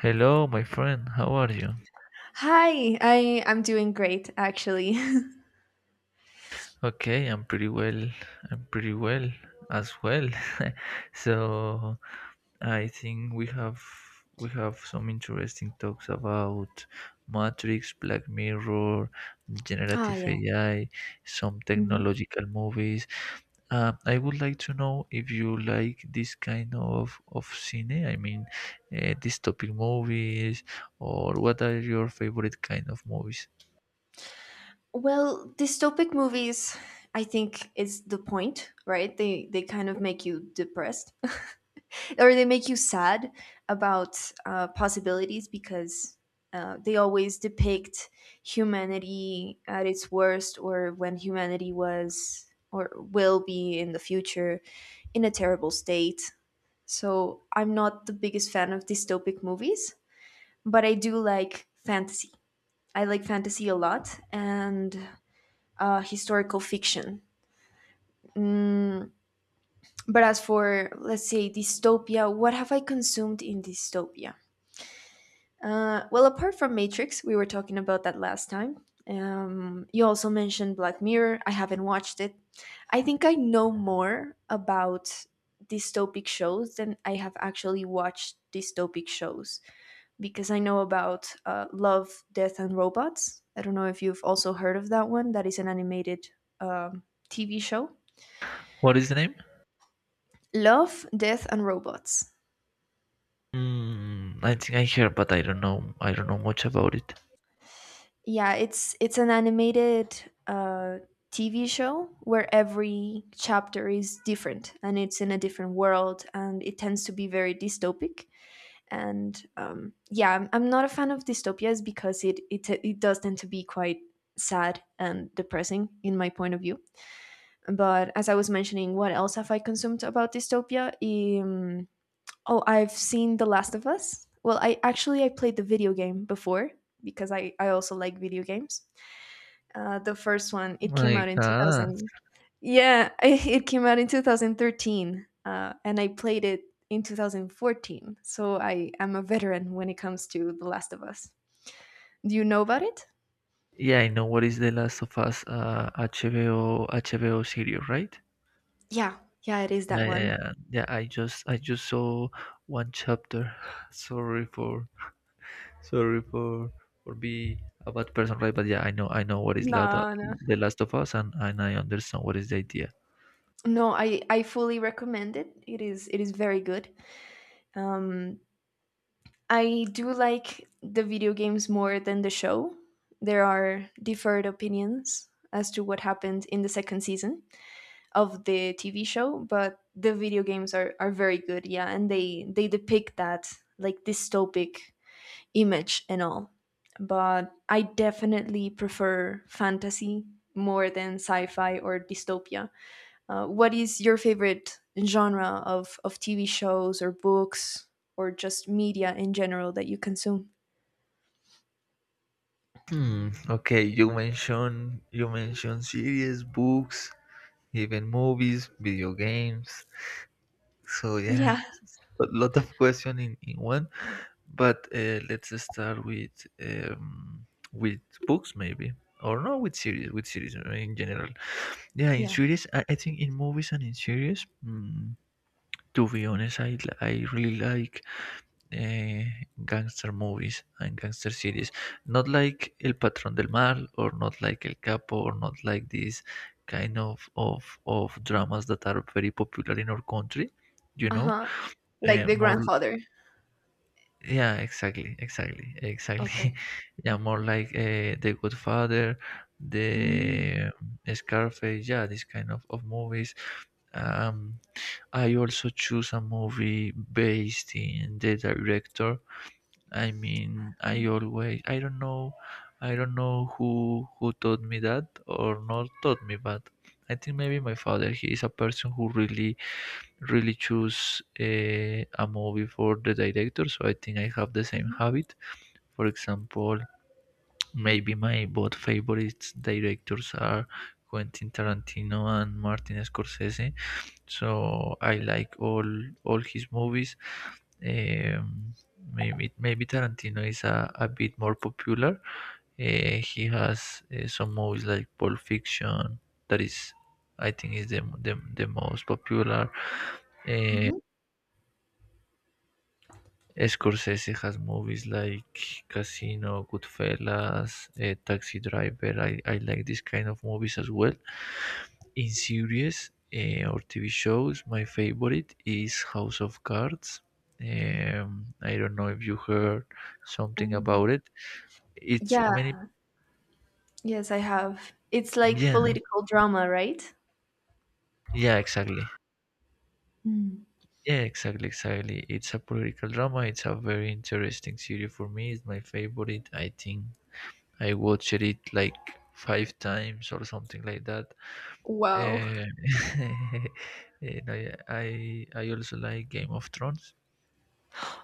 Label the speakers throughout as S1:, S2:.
S1: Hello, my friend. How are you?
S2: Hi, I'm doing great actually.
S1: Okay, I'm pretty well. I'm pretty well as well. So I think we have some interesting talks about Matrix, Black Mirror,
S2: Ah,
S1: generative
S2: yeah.
S1: AI, some
S2: Mhm.
S1: technological movies. I would like to know if you like this kind of cine. I mean, dystopic movies, or what are your favorite kind of movies?
S2: Well, dystopic movies, I think is the point, right? They kind of make you depressed or they make you sad about possibilities because they always depict humanity at its worst, or when humanity was or will be in the future in a terrible state. So I'm not the biggest fan of dystopic movies, but I do like fantasy. I like fantasy a lot, and historical fiction. Mm, but as for, let's say, dystopia, what have I consumed in dystopia? Well, apart from Matrix, we were talking about that last time. You also mentioned Black Mirror. I haven't watched it. I think I know more about dystopic shows than I have actually watched dystopic shows, because I know about Love, Death, and Robots. I don't know if you've also heard of that one. That is an animated um, TV show.
S1: What is the name?
S2: Love, Death, and Robots.
S1: Mm, I think I heard, but I don't know. I don't know much about it.
S2: Yeah, it's an animated uh, TV show where every chapter is different and it's in a different world, and it tends to be very dystopic. And yeah, I'm not a fan of dystopias because it does tend to be quite sad and depressing in my point of view. But as I was mentioning, what else have I consumed about dystopia? Um, oh, I've seen The Last of Us. Well, I actually I played the video game before, because I also like video games. The first one, it came
S1: My
S2: out in
S1: God.
S2: 2000. Yeah, it came out in 2013, and I played it in 2014. So I am a veteran when it comes to The Last of Us. Do you know about it?
S1: Yeah, I know what is The Last of Us HBO series, right?
S2: Yeah, yeah, it is that
S1: Yeah, yeah,
S2: one.
S1: yeah. Yeah, I just saw one chapter. Sorry for sorry for be a bad person, right? But yeah, I know what is La
S2: No, no.
S1: The Last of Us, and I understand what is the idea.
S2: No, I fully recommend it. It is very good. Um, I do like the video games more than the show. There are different opinions as to what happened in the second season of the TV show, but the video games are very good. Yeah, and they depict that like dystopic image and all. But I definitely prefer fantasy more than sci-fi or dystopia. What is your favorite genre of TV shows or books or just media in general that you consume?
S1: Hmm. Okay, you mentioned series, books, even movies, video games. So yeah,
S2: Yeah,
S1: a lot of question in one. But let's start um, with books maybe, or no, with series in general. Yeah, in
S2: yeah.
S1: series, I think in movies and in series. Mm, to be honest, I really like uh, gangster movies and gangster series. Not like El Patrón del Mal, or not like El Capo, or not like these kind of dramas that are very popular in our country. You
S2: Uh
S1: know,
S2: huh. Like The
S1: more
S2: Grandfather.
S1: Yeah, exactly.
S2: Okay.
S1: Yeah, more like The Good Father,
S2: Mm.
S1: the Scarface. Yeah, this kind of movies. Um, I also choose a movie based in the director. I mean, I don't know who taught me that or not taught me, but I think maybe my father. He is a person who really choose a movie for the director. So I think I have the same
S2: Mm-hmm.
S1: habit. For example, maybe my both favorite directors are Quentin Tarantino and Martin Scorsese. So I like all his movies. Um, maybe Tarantino is a bit more popular. He has some movies like Pulp Fiction that is I think is the most popular. Scorsese has movies like Casino, Goodfellas, Taxi Driver. I like this kind of movies as well. In series or TV shows, my favorite is House of Cards. I don't know if you heard something
S2: Mm-hmm.
S1: about it. It's
S2: Yeah,
S1: many,
S2: yes, I have. It's like
S1: yeah,
S2: political drama, right?
S1: yeah, exactly.
S2: Mm.
S1: Yeah, exactly. It's a political drama. It's a very interesting series for me. It's my favorite. I think I watched it like 5 times or something like that. Uh,
S2: Wow.
S1: and I I also like Game of Thrones.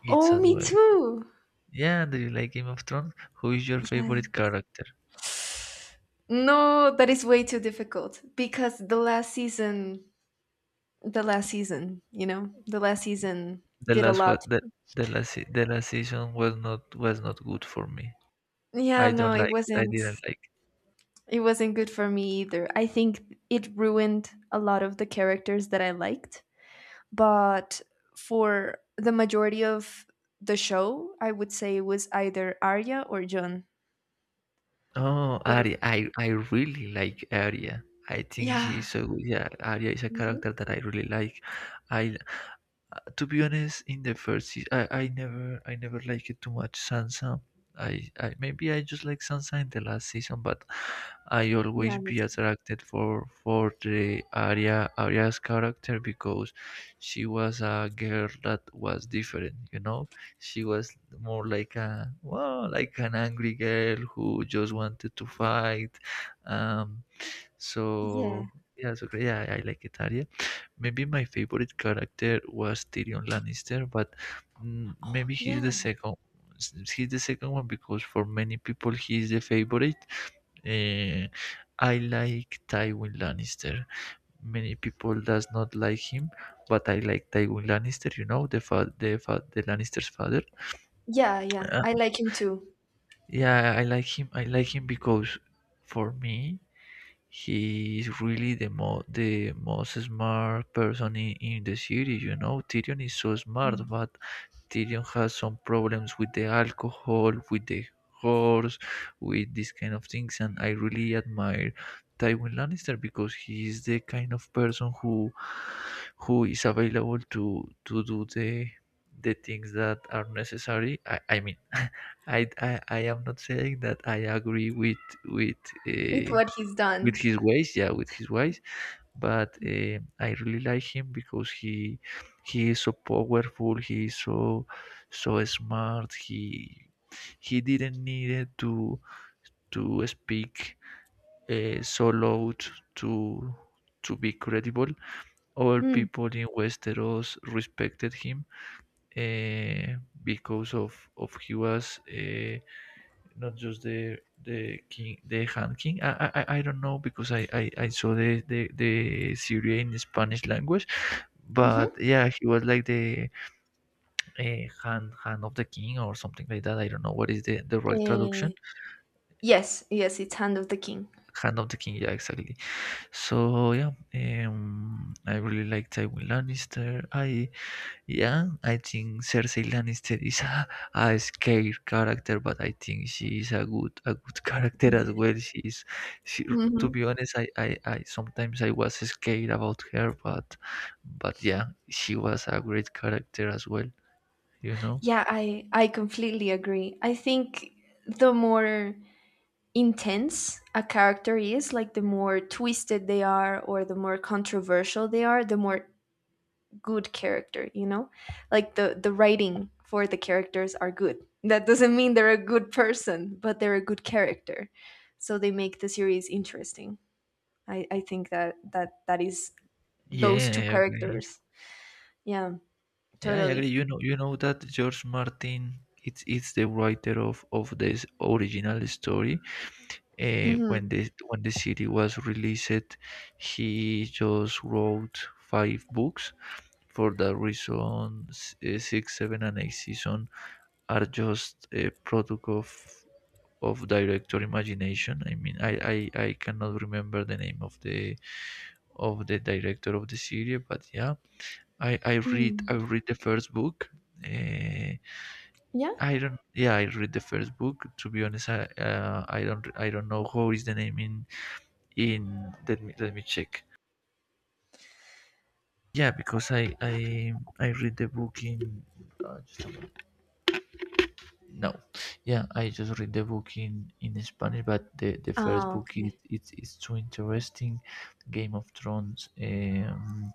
S1: It's
S2: Oh,
S1: as
S2: me
S1: well.
S2: too.
S1: Yeah, do you like Game of Thrones? Who is your
S2: Yeah.
S1: favorite character?
S2: No, that is way too difficult because the last season, the last season, the last season
S1: The
S2: did a
S1: last
S2: lot.
S1: what the, the the last season was not good for me.
S2: Yeah,
S1: I
S2: no,
S1: don't
S2: it
S1: like. I
S2: wasn't,
S1: didn't like.
S2: it wasn't good for me either. I think it ruined a lot of the characters that I liked, but for the majority of the show, I would say it was either Arya or John.
S1: Oh,
S2: What a-
S1: Arya. I really like Arya. I think she
S2: yeah.
S1: is so good. Yeah, Arya is a
S2: Hmm.
S1: character that I really like. I to be honest, in the first season, I never liked it too much Sansa. I just like Sansa in the last season, but I always
S2: Yeah, me
S1: be
S2: too.
S1: attracted for the Arya's character because she was a girl that was different. You know, she was more like a well, like an angry girl who just wanted to fight. Um,
S2: Yeah.
S1: so yeah, so yeah, I like it, Arya. Maybe my favorite character was Tyrion Lannister, but mm, maybe he's the
S2: Yeah.
S1: second. He's the second one because for many people he is the favorite. Eh, I like Tywin Lannister. Many people does not like him, but I like Tywin Lannister. You know the Lannister's father.
S2: Yeah, yeah. I like him too.
S1: Yeah, I like him. I like him because for me, he is really the most smart person in the series. You know, Tyrion is so smart, but Tyrion has some problems with the alcohol, with the horse, with these kind of things. And I really admire Tywin Lannister because he is the kind of person who is available to do the things that are necessary. I mean, I am not saying that I agree with
S2: With
S1: uh,
S2: what he's
S1: with
S2: done.
S1: his ways, yeah, with his ways. But I really like him because he is so powerful. He is so smart. He didn't need to speak so loud to to be credible. All
S2: Hmm.
S1: people in Westeros respected him because of he was. Not just the king, the hand king. Don't know because I saw the series in Spanish language, but
S2: Mm-hmm.
S1: yeah, he was like the hand of the king or something like that. I don't know what is the right traduction.
S2: Eh, yes, yes, it's Hand of the King.
S1: Hand of the king, yeah, exactly. So yeah, I really like Tywin Lannister. I Yeah, I think Cersei Lannister is a scared character, but I think she is a good character as well. She, to
S2: Hmm.
S1: be honest, I sometimes I was scared about her, but yeah, she was a great character as well. You know?
S2: Yeah, I completely agree. I think the more intense a character is, like the more twisted they are or the more controversial they are, the more good character, you know? Like the writing for the characters are good. That doesn't mean they're a good person, but they're a good character. So they make the series interesting. I think that that is
S1: Yeah,
S2: those two
S1: I agree.
S2: characters. Yeah,
S1: Yeah, I agree.
S2: totally.
S1: You know that George Martin, it's the writer of this original story. When
S2: Mhm.
S1: the city was released he just wrote 5 books, for that reason 6, 7 and 8 season are just a product of director imagination. I mean, I cannot remember the name of the director of the series, but yeah, I
S2: Mm.
S1: read the first book. uh,
S2: Yeah.
S1: I don't. Yeah, I read the first book. To be honest, I don't know how is the name in let me check. Yeah, because I read the book in just a moment. No, yeah, I just read the book in Spanish, but the first
S2: Ah,
S1: book is
S2: okay.
S1: it's too interesting. Game of Thrones.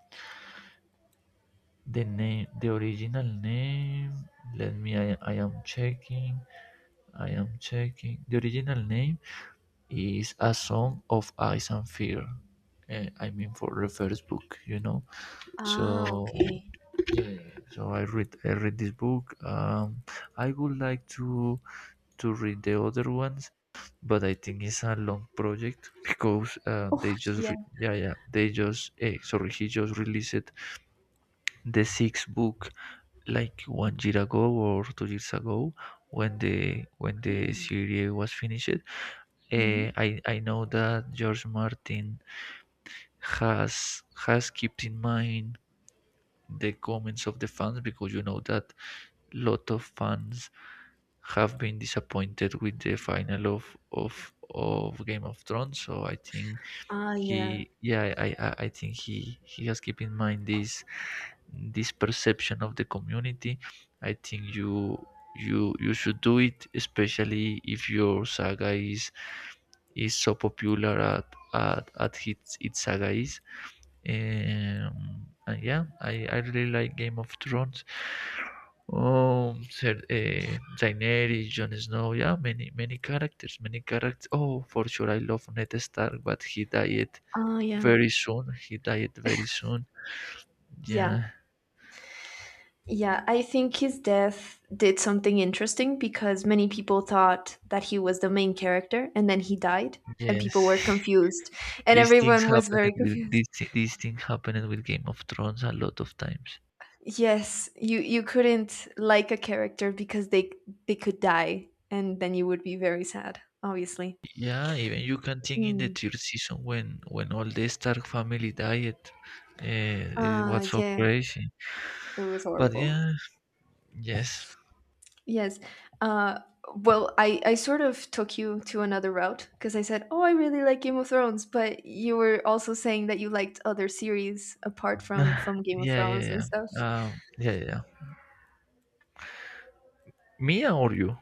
S1: The name, the original name. Let me. I am checking. I am checking. The original name is A Song of Ice and Fear. I mean, for the first book, you know.
S2: Ah,
S1: So
S2: okay.
S1: yeah, yeah. So I read this book. I would like to read the other ones, but I think it's a long project because
S2: Oh, yeah.
S1: yeah they just sorry he just released the sixth book like 1 year ago or 2 years ago when the
S2: Really?
S1: series was finished.
S2: Hmm.
S1: I know that George Martin has kept in mind the comments of the fans, because you know that lot of fans have been disappointed with the final of Game of Thrones. So I think
S2: Ah, yeah.
S1: he, yeah, I think he has keep in mind this this perception of the community. I think you should do it, especially if your saga is so popular at its saga is. And yeah, I really like Game of Thrones. Daenerys, Jon Snow, yeah, many characters, many characters. Oh, for sure, I love Ned Stark, but he died
S2: Oh,
S1: very
S2: yeah.
S1: soon. He died very soon.
S2: Yeah.
S1: Yeah,
S2: Yeah, I think his death did something interesting because many people thought that he was the main character, and then he died and
S1: yes.
S2: people were confused and
S1: These things
S2: everyone was
S1: happen
S2: very
S1: with
S2: confused.
S1: these things happen with Game of Thrones a lot of times.
S2: Yes, you couldn't like a character because they could die and then you would be very sad, obviously.
S1: Yeah, even you can think in the
S2: Mm.
S1: third season when all the Stark family died. It
S2: Ah,
S1: was so
S2: yeah, it
S1: crazy.
S2: was
S1: But
S2: horrible.
S1: yeah, yes.
S2: Yes. Uh, well, I sort of took you to another route because I said, oh, I really like Game of Thrones, but you were also saying that you liked other series apart from from Game of
S1: yeah, yeah,
S2: Thrones and
S1: yeah.
S2: stuff.
S1: Mia or you?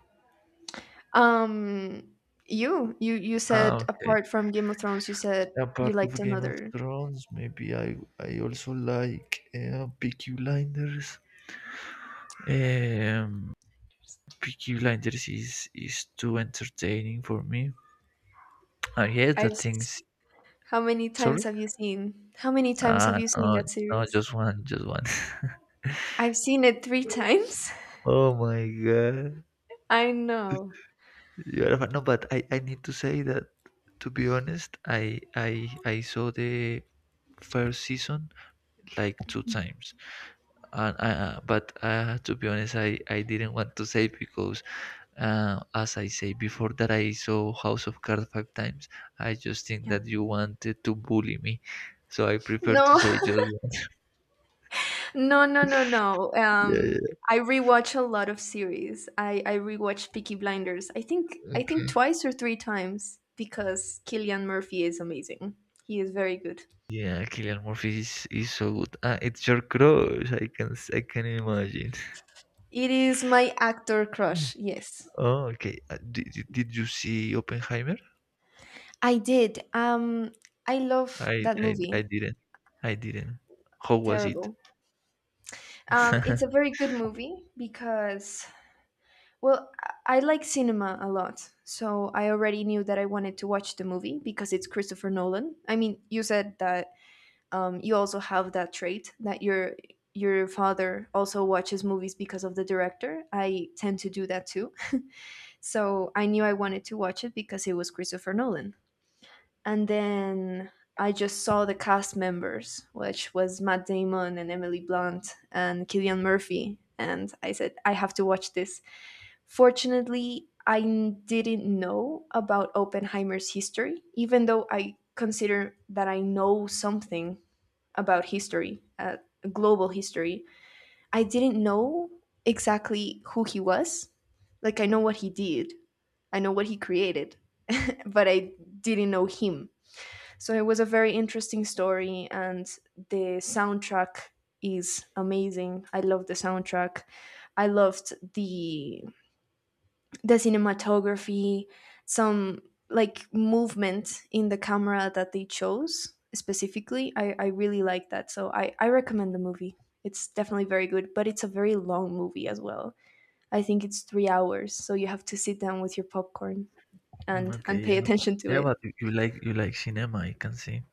S2: Um, you you
S1: Ah,
S2: said
S1: okay.
S2: apart from Game of Thrones, you said you
S1: Apart
S2: liked
S1: of Game of
S2: another.
S1: Thrones, maybe I also like Peaky Blinders. Um, Peaky Blinders is too entertaining for me. I hate
S2: I've
S1: that
S2: s-
S1: things.
S2: how many times
S1: Sorry.
S2: have you seen? How many times have
S1: Ah,
S2: you seen
S1: no,
S2: that
S1: no,
S2: series?
S1: just one, just one.
S2: I've seen it three times.
S1: Oh my god.
S2: I know.
S1: You're a fan. No, but I need to say that to be honest, I saw the first season like 2 times. And I, but to be honest, I didn't want to say because, as I say before that I saw House of Cards 5 times, I just think
S2: Yeah.
S1: that you wanted to bully me, so I prefer to
S2: No.
S1: say just one.
S2: No, no, no, no.
S1: Yeah,
S2: I rewatch a lot of series. I rewatch Peaky Blinders. I think
S1: yeah.
S2: twice or three times because Killian Murphy is amazing. He is very good.
S1: Yeah, Killian Murphy is so good. Ah, it's your crush. I can imagine.
S2: It is my actor crush. Yes,
S1: Oh, okay. Did you see Oppenheimer?
S2: I did. I love that
S1: I
S2: movie.
S1: didn't. I didn't. How was it?
S2: Terrible. It's a very good movie because, well, I like cinema a lot. So I already knew that I wanted to watch the movie because it's Christopher Nolan. I mean, you said that you also have that trait that your father also watches movies because of the director. I tend to do that too. So I knew I wanted to watch it because it was Christopher Nolan. And then I just saw the cast members, which was Matt Damon and Emily Blunt and Killian Murphy. And I said, I have to watch this. Fortunately, didn't know about Oppenheimer's history, even though I consider that I know something about history, global history. I didn't know exactly who he was. Like, I know what he did, I know what he created, but I didn't know him. So it was a very interesting story, and the soundtrack is amazing. I love the soundtrack. I loved the cinematography, some like movement in the camera that they chose specifically. I really like that. So I recommend the movie. It's definitely very good, but it's a very long movie as well. I think it's 3 hours, so you have to sit down with your popcorn
S1: Mm,
S2: and
S1: okay,
S2: pay
S1: yeah,
S2: attention to
S1: yeah,
S2: it.
S1: but you like cinema. I can see.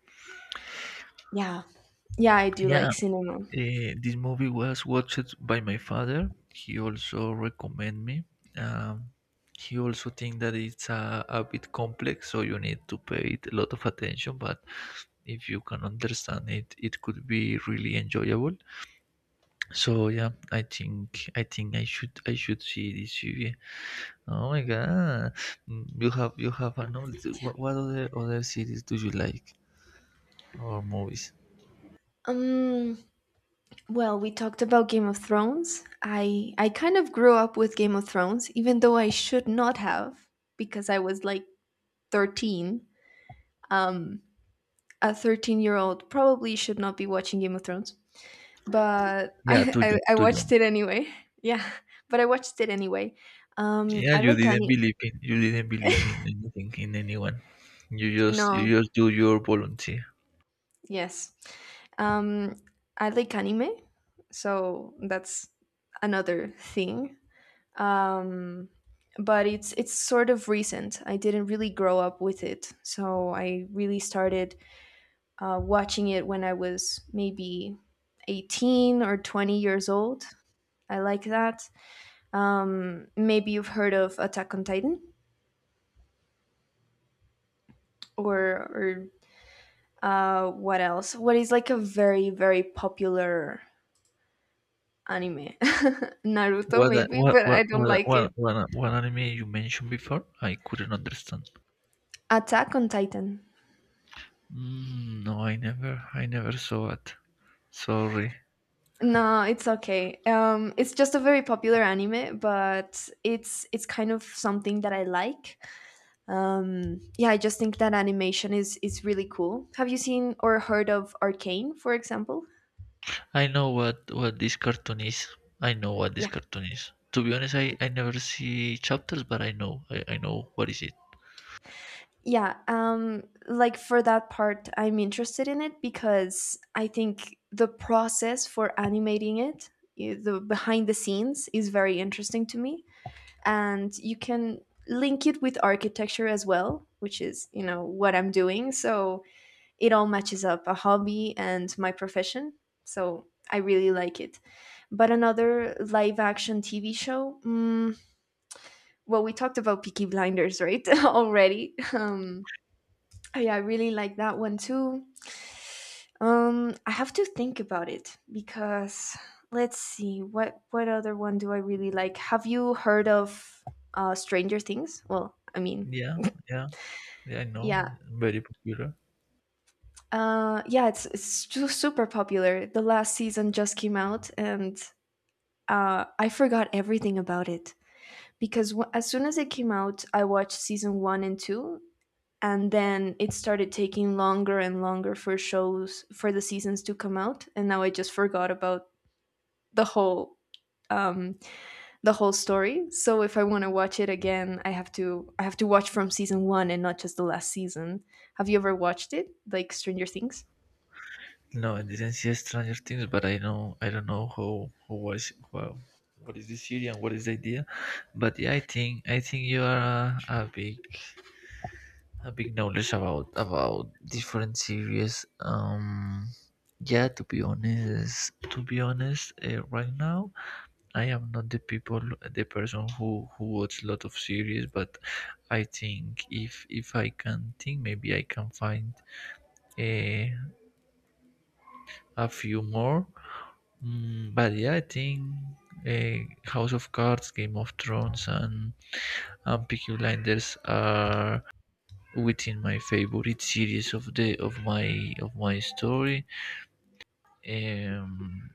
S2: Yeah. Yeah, I do
S1: Yeah,
S2: like cinema.
S1: This movie was watched by my father. He also recommend me. Um, he also think that it's a bit complex, so you need to pay it a lot of attention. But if you can understand it, it could be really enjoyable. So yeah, I think I should see this movie. Oh my god. Mm, you have a knowledge. What other series do you like or movies?
S2: Um, well, we talked about Game of Thrones. I kind of grew up with Game of Thrones, even though I should not have, because I was like 13, um, a 13-year-old probably should not be watching Game of Thrones, but
S1: Yeah,
S2: I,
S1: too
S2: I,
S1: young,
S2: I
S1: too young.
S2: watched it anyway. Yeah, but I watched it anyway.
S1: Yeah,
S2: I
S1: you
S2: like
S1: didn't
S2: anime.
S1: believe in you didn't believe in anything in anyone. You just you
S2: No,
S1: just do your volunteer.
S2: yes. Um, I like anime, so that's another thing. Um, but it's sort of recent. I didn't really grow up with it, so I really started watching it when I was maybe 18 or 20 years old. I like that. Maybe you've heard of Attack on Titan, or what else? What is like a very, very popular anime? Naruto,
S1: What a-
S2: maybe,
S1: what
S2: but I don't
S1: what a-
S2: like it.
S1: what what, a- what anime you mentioned before? I couldn't understand.
S2: Attack on Titan.
S1: Mm, no, I never saw it. Sorry.
S2: No, it's okay. It's just a very popular anime, but it's kind of something that I like. Yeah, I just think that animation is really cool. Have you seen or heard of Arcane, for example?
S1: I know what this cartoon is. I know what this
S2: Yeah.
S1: cartoon is. To be honest, I never see chapters, but I know I know what is it.
S2: Yeah, like for that part I'm interested in it because I think the process for animating it, the behind the scenes is very interesting to me. And you can link it with architecture as well, which is, you know, what I'm doing, so it all matches up, a hobby and my profession. So I really like it. But another live action TV show, mm, well, we talked about Peaky Blinders, right? Already. Oh, yeah, I really like that one too. I have to think about it because let's see, what other one do I really like? Have you heard of Stranger Things? Well, I mean,
S1: Yeah, yeah, yeah. I know.
S2: yeah,
S1: Very popular.
S2: Yeah, it's super popular. The last season just came out, and I forgot everything about it because, as soon as it came out, I watched season one and two, and then it started taking longer and longer for shows, for the seasons to come out, and now I just forgot about the whole um, the whole story. So if I want to watch it again, I have to watch from season one and not just the last season. Have you ever watched it, like Stranger Things?
S1: No, I didn't see Stranger Things, but I know I don't know how was well, what is the series and what is the idea. But yeah, I think you are a big knowledge about different series. Yeah, to be honest, right now I am not the people the person who watch a lot of series, but I think if I can think, maybe I can find a a few more. Mm, but yeah, I think House of Cards, Game of Thrones, and Peaky Blinders are within my favorite series of the of my story. Um,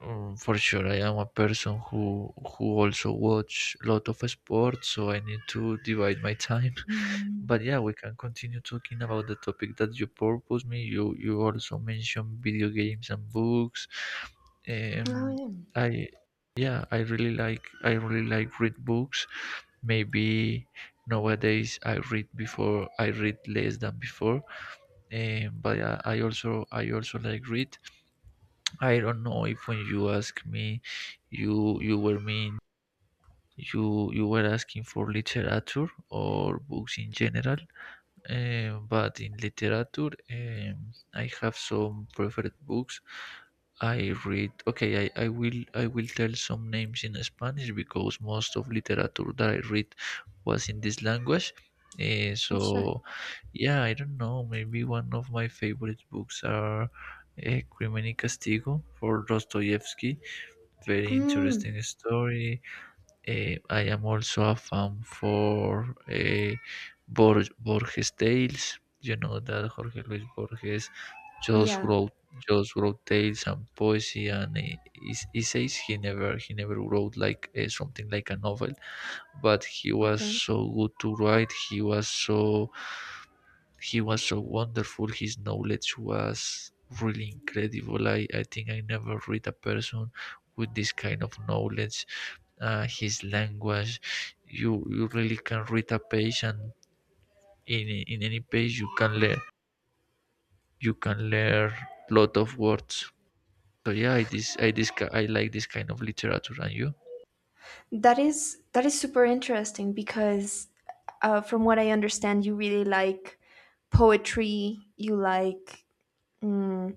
S1: for sure, I am a person who also watch a lot of sports, so I need to divide my time.
S2: Mm.
S1: But yeah, we can continue talking about the topic that you proposed me. You also mentioned video games and books.
S2: Oh
S1: Um,
S2: yeah.
S1: I yeah, I really like read books. Maybe nowadays I read before I read less than before. But I also like read. I don't know if when you ask me, you were mean you were asking for literature or books in general. But in literature, I have some preferred books. I read. Okay, I will tell some names in Spanish because most of literature that I read was in this language.
S2: Sure.
S1: So yeah, I don't know. Maybe one of my favorite books are Crimen y Castigo for Dostoevsky. Very interesting
S2: Mm,
S1: story. I am also a fan for Borges Tales. You know that Jorge Luis Borges just
S2: yeah.
S1: wrote just wrote tales and poesy and essays. He never wrote like something like a novel, but he was
S2: Okay.
S1: so good to write. He was so wonderful. His knowledge was really incredible. I think I never read a person with this kind of knowledge, his language. You really can read a page, and in any page you can learn lot of words. So yeah, I like this kind of literature. And you?
S2: That is super interesting because, from what I understand, you really like poetry. You like mm,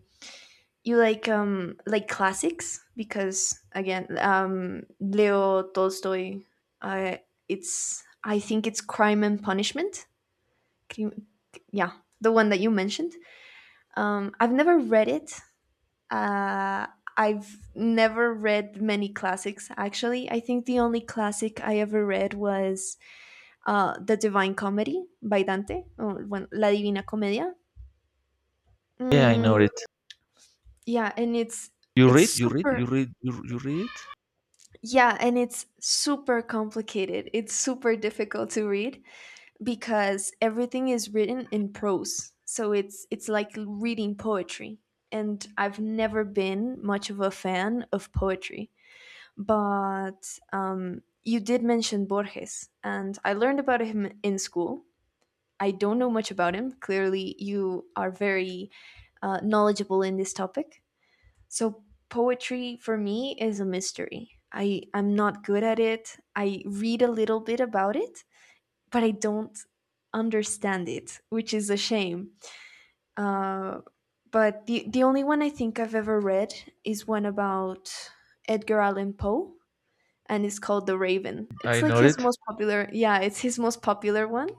S2: you like um, like classics because again, Leo Tolstoy. Uh, it's, I think it's Crime and Punishment. Crim- yeah, the one that you mentioned. I've never read it. Uh, I've never read many classics, actually. I think the only classic I ever read was The Divine Comedy by Dante, or when, La Divina Commedia.
S1: Yeah, I know
S2: Mm,
S1: it.
S2: yeah, and
S1: You
S2: it's
S1: read, you read,
S2: super
S1: you read, you, you read it.
S2: yeah, and it's super complicated. It's super difficult to read because everything is written in prose. So it's like reading poetry. And I've never been much of a fan of poetry. But You did mention Borges, and I learned about him in school. I don't know much about him. Clearly, you are very knowledgeable in this topic. So, poetry for me is a mystery. I'm not good at it. I read a little bit about it, but I don't understand it, which is a shame. Uh, but the only one I think I've ever read is one about Edgar Allan Poe and it's called The Raven. It's
S1: I
S2: like
S1: know
S2: his
S1: it.
S2: most popular. Yeah, it's his most popular one.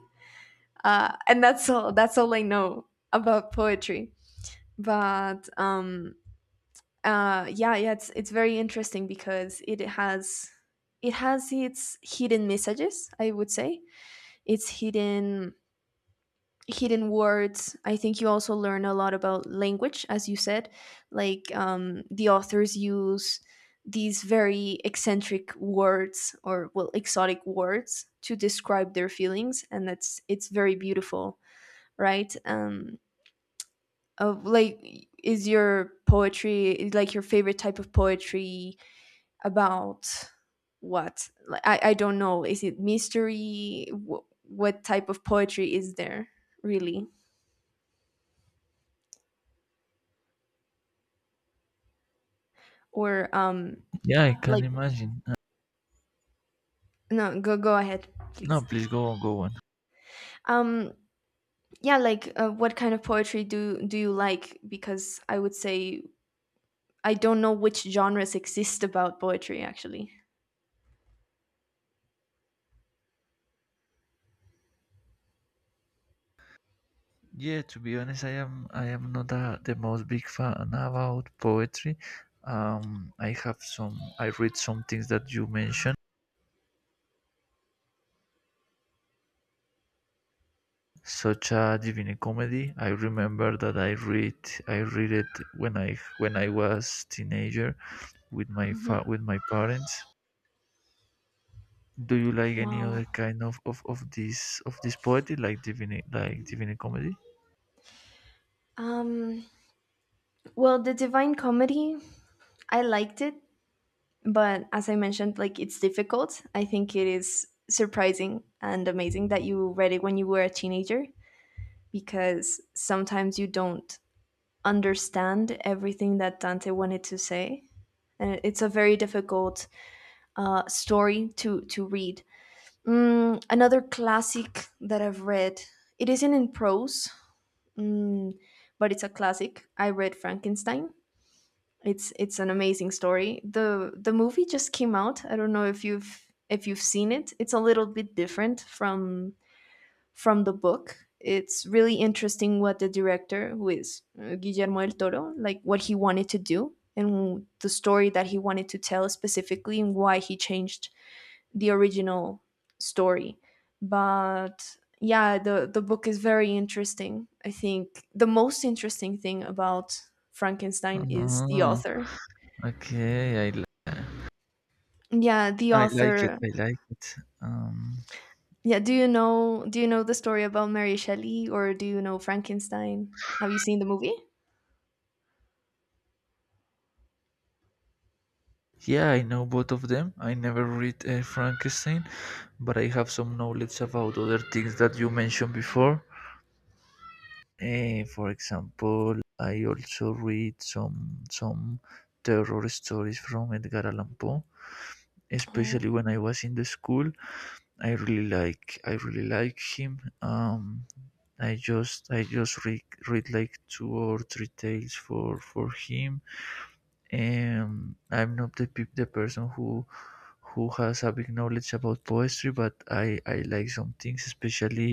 S2: And that's all. That's all I know about poetry. But um, yeah, it's very interesting because it has its hidden messages. I would say its hidden words. I think you also learn a lot about language, as you said, like the authors use these very eccentric words, or well, exotic words to describe their feelings, and that's it's very beautiful, right? Of like is your Poetry is, like, your favorite type of poetry about what? Like, I don't know, is it mystery? What type of poetry is there, really? Or
S1: Yeah, I can
S2: like
S1: imagine.
S2: No, go ahead,
S1: No,
S2: please.
S1: please go on, go on.
S2: um yeah, like, what kind of poetry do you like? Because I would say I don't know which genres exist about poetry, actually.
S1: Yeah, to be honest, I am not a, the most big fan about poetry. I have some I read some things that you mentioned such a Divine Comedy. I remember that I read it when I was teenager with my
S2: hmm
S1: with my parents. Do you like any
S2: wow.
S1: other kind of of this of this poetry like Divine Comedy?
S2: um well, the Divine Comedy, I liked it, but as I mentioned, like, it's difficult. I think it is surprising and amazing that you read it when you were a teenager, because sometimes you don't understand everything that Dante wanted to say, and it's a very difficult story to read. Mm, another classic that I've read. It isn't in prose, mm, but it's a classic. I read Frankenstein. It's an amazing story. The movie just came out. I don't know if you've seen it. It's a little bit different from the book. It's really interesting what the director, who is Guillermo del Toro, like, what he wanted to do and the story that he wanted to tell specifically and why he changed the original story. But yeah, the book is very interesting. I think the most interesting thing about Frankenstein is the
S1: Ah,
S2: author.
S1: okay,
S2: Yeah, the
S1: I like it.
S2: author.
S1: I like it.
S2: Yeah, do you know the story about Mary Shelley, or do you know Frankenstein? Have you seen the movie?
S1: Yeah, I know both of them. I never read Frankenstein, but I have some knowledge about other things that you mentioned before. For example, I also read some terror stories from Edgar Allan Poe,
S2: Oh.
S1: especially when I was in the school. I really like him. I just read read like two or three tales for him. I'm not the the person who has a big knowledge about poetry, but I like some things, especially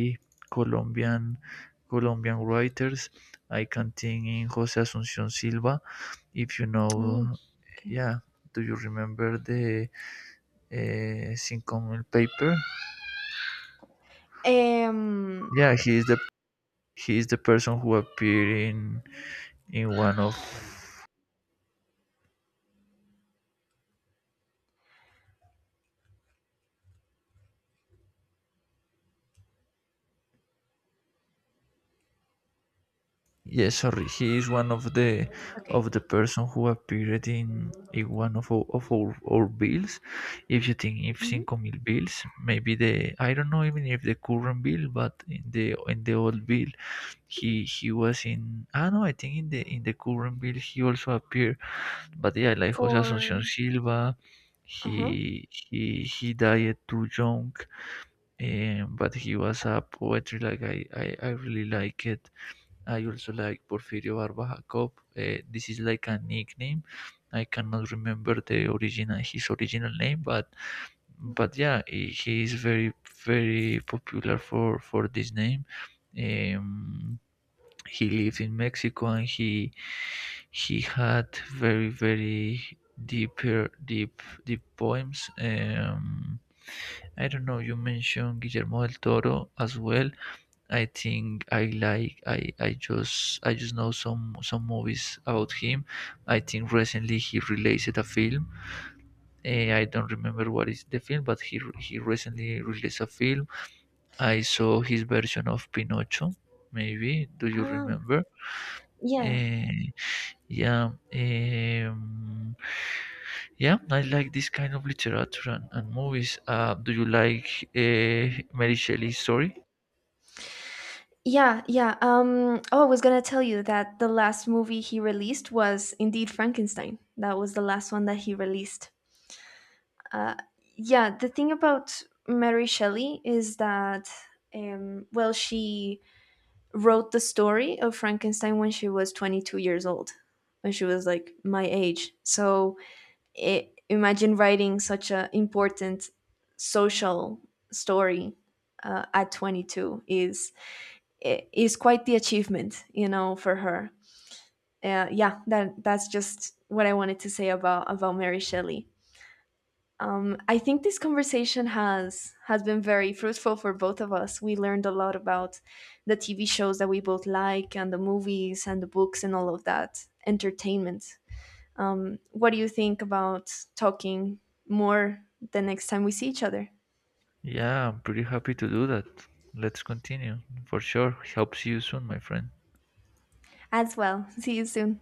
S1: Colombian Colombian writers. I can think in Jose Asuncion Silva. If you know,
S2: Oh, okay.
S1: yeah, do you remember the Cinco Mil paper?
S2: Um,
S1: Yeah, he is the person who appeared in one of Yeah, sorry. He is one
S2: okay.
S1: of the person who appeared in one of our bills. If you think if
S2: Mhm.
S1: cinco mil bills, maybe the I don't know even if the current bill, but in the old bill, he was in. Ah no, I think in the current bill he also appeared. But yeah, like Jose
S2: For.
S1: Asuncion Silva,
S2: Uh-huh.
S1: he died too young, but he was a poetry like I really like it. I also like Porfirio Barba Jacob. This is like a nickname. I cannot remember the original his original name, but yeah, he is very very popular for this name. Um, he lived in Mexico and he had very very deeper deep poems. I don't know. You mentioned Guillermo del Toro as well. I think I like I just I just know some movies about him. I think recently he released a film. I don't remember what is the film, but he recently released a film. I saw his version of Pinocho. Maybe do you
S2: Ah,
S1: remember?
S2: yeah.
S1: Eh, yeah. Yeah, I like this kind of literature and movies. Do you like Mary Shelley's story?
S2: Yeah, yeah. Oh, I was gonna tell you that the last movie he released was indeed Frankenstein. That was the last one that he released. Uh, yeah, the thing about Mary Shelley is that, well, she wrote the story of Frankenstein when she was 22 years old, when she was like my age. So I imagine writing such an important social story at 22 is is quite the achievement, you know, for her. Yeah, that that's just what I wanted to say about Mary Shelley. I think this conversation has been very fruitful for both of us. We learned a lot about the TV shows that we both like, and the movies, and the books, and all of that entertainment. What do you think about talking more the next time we see each other?
S1: Yeah, I'm pretty happy to do that. Let's continue. For sure. Hope see you soon, my friend.
S2: As well. See you soon.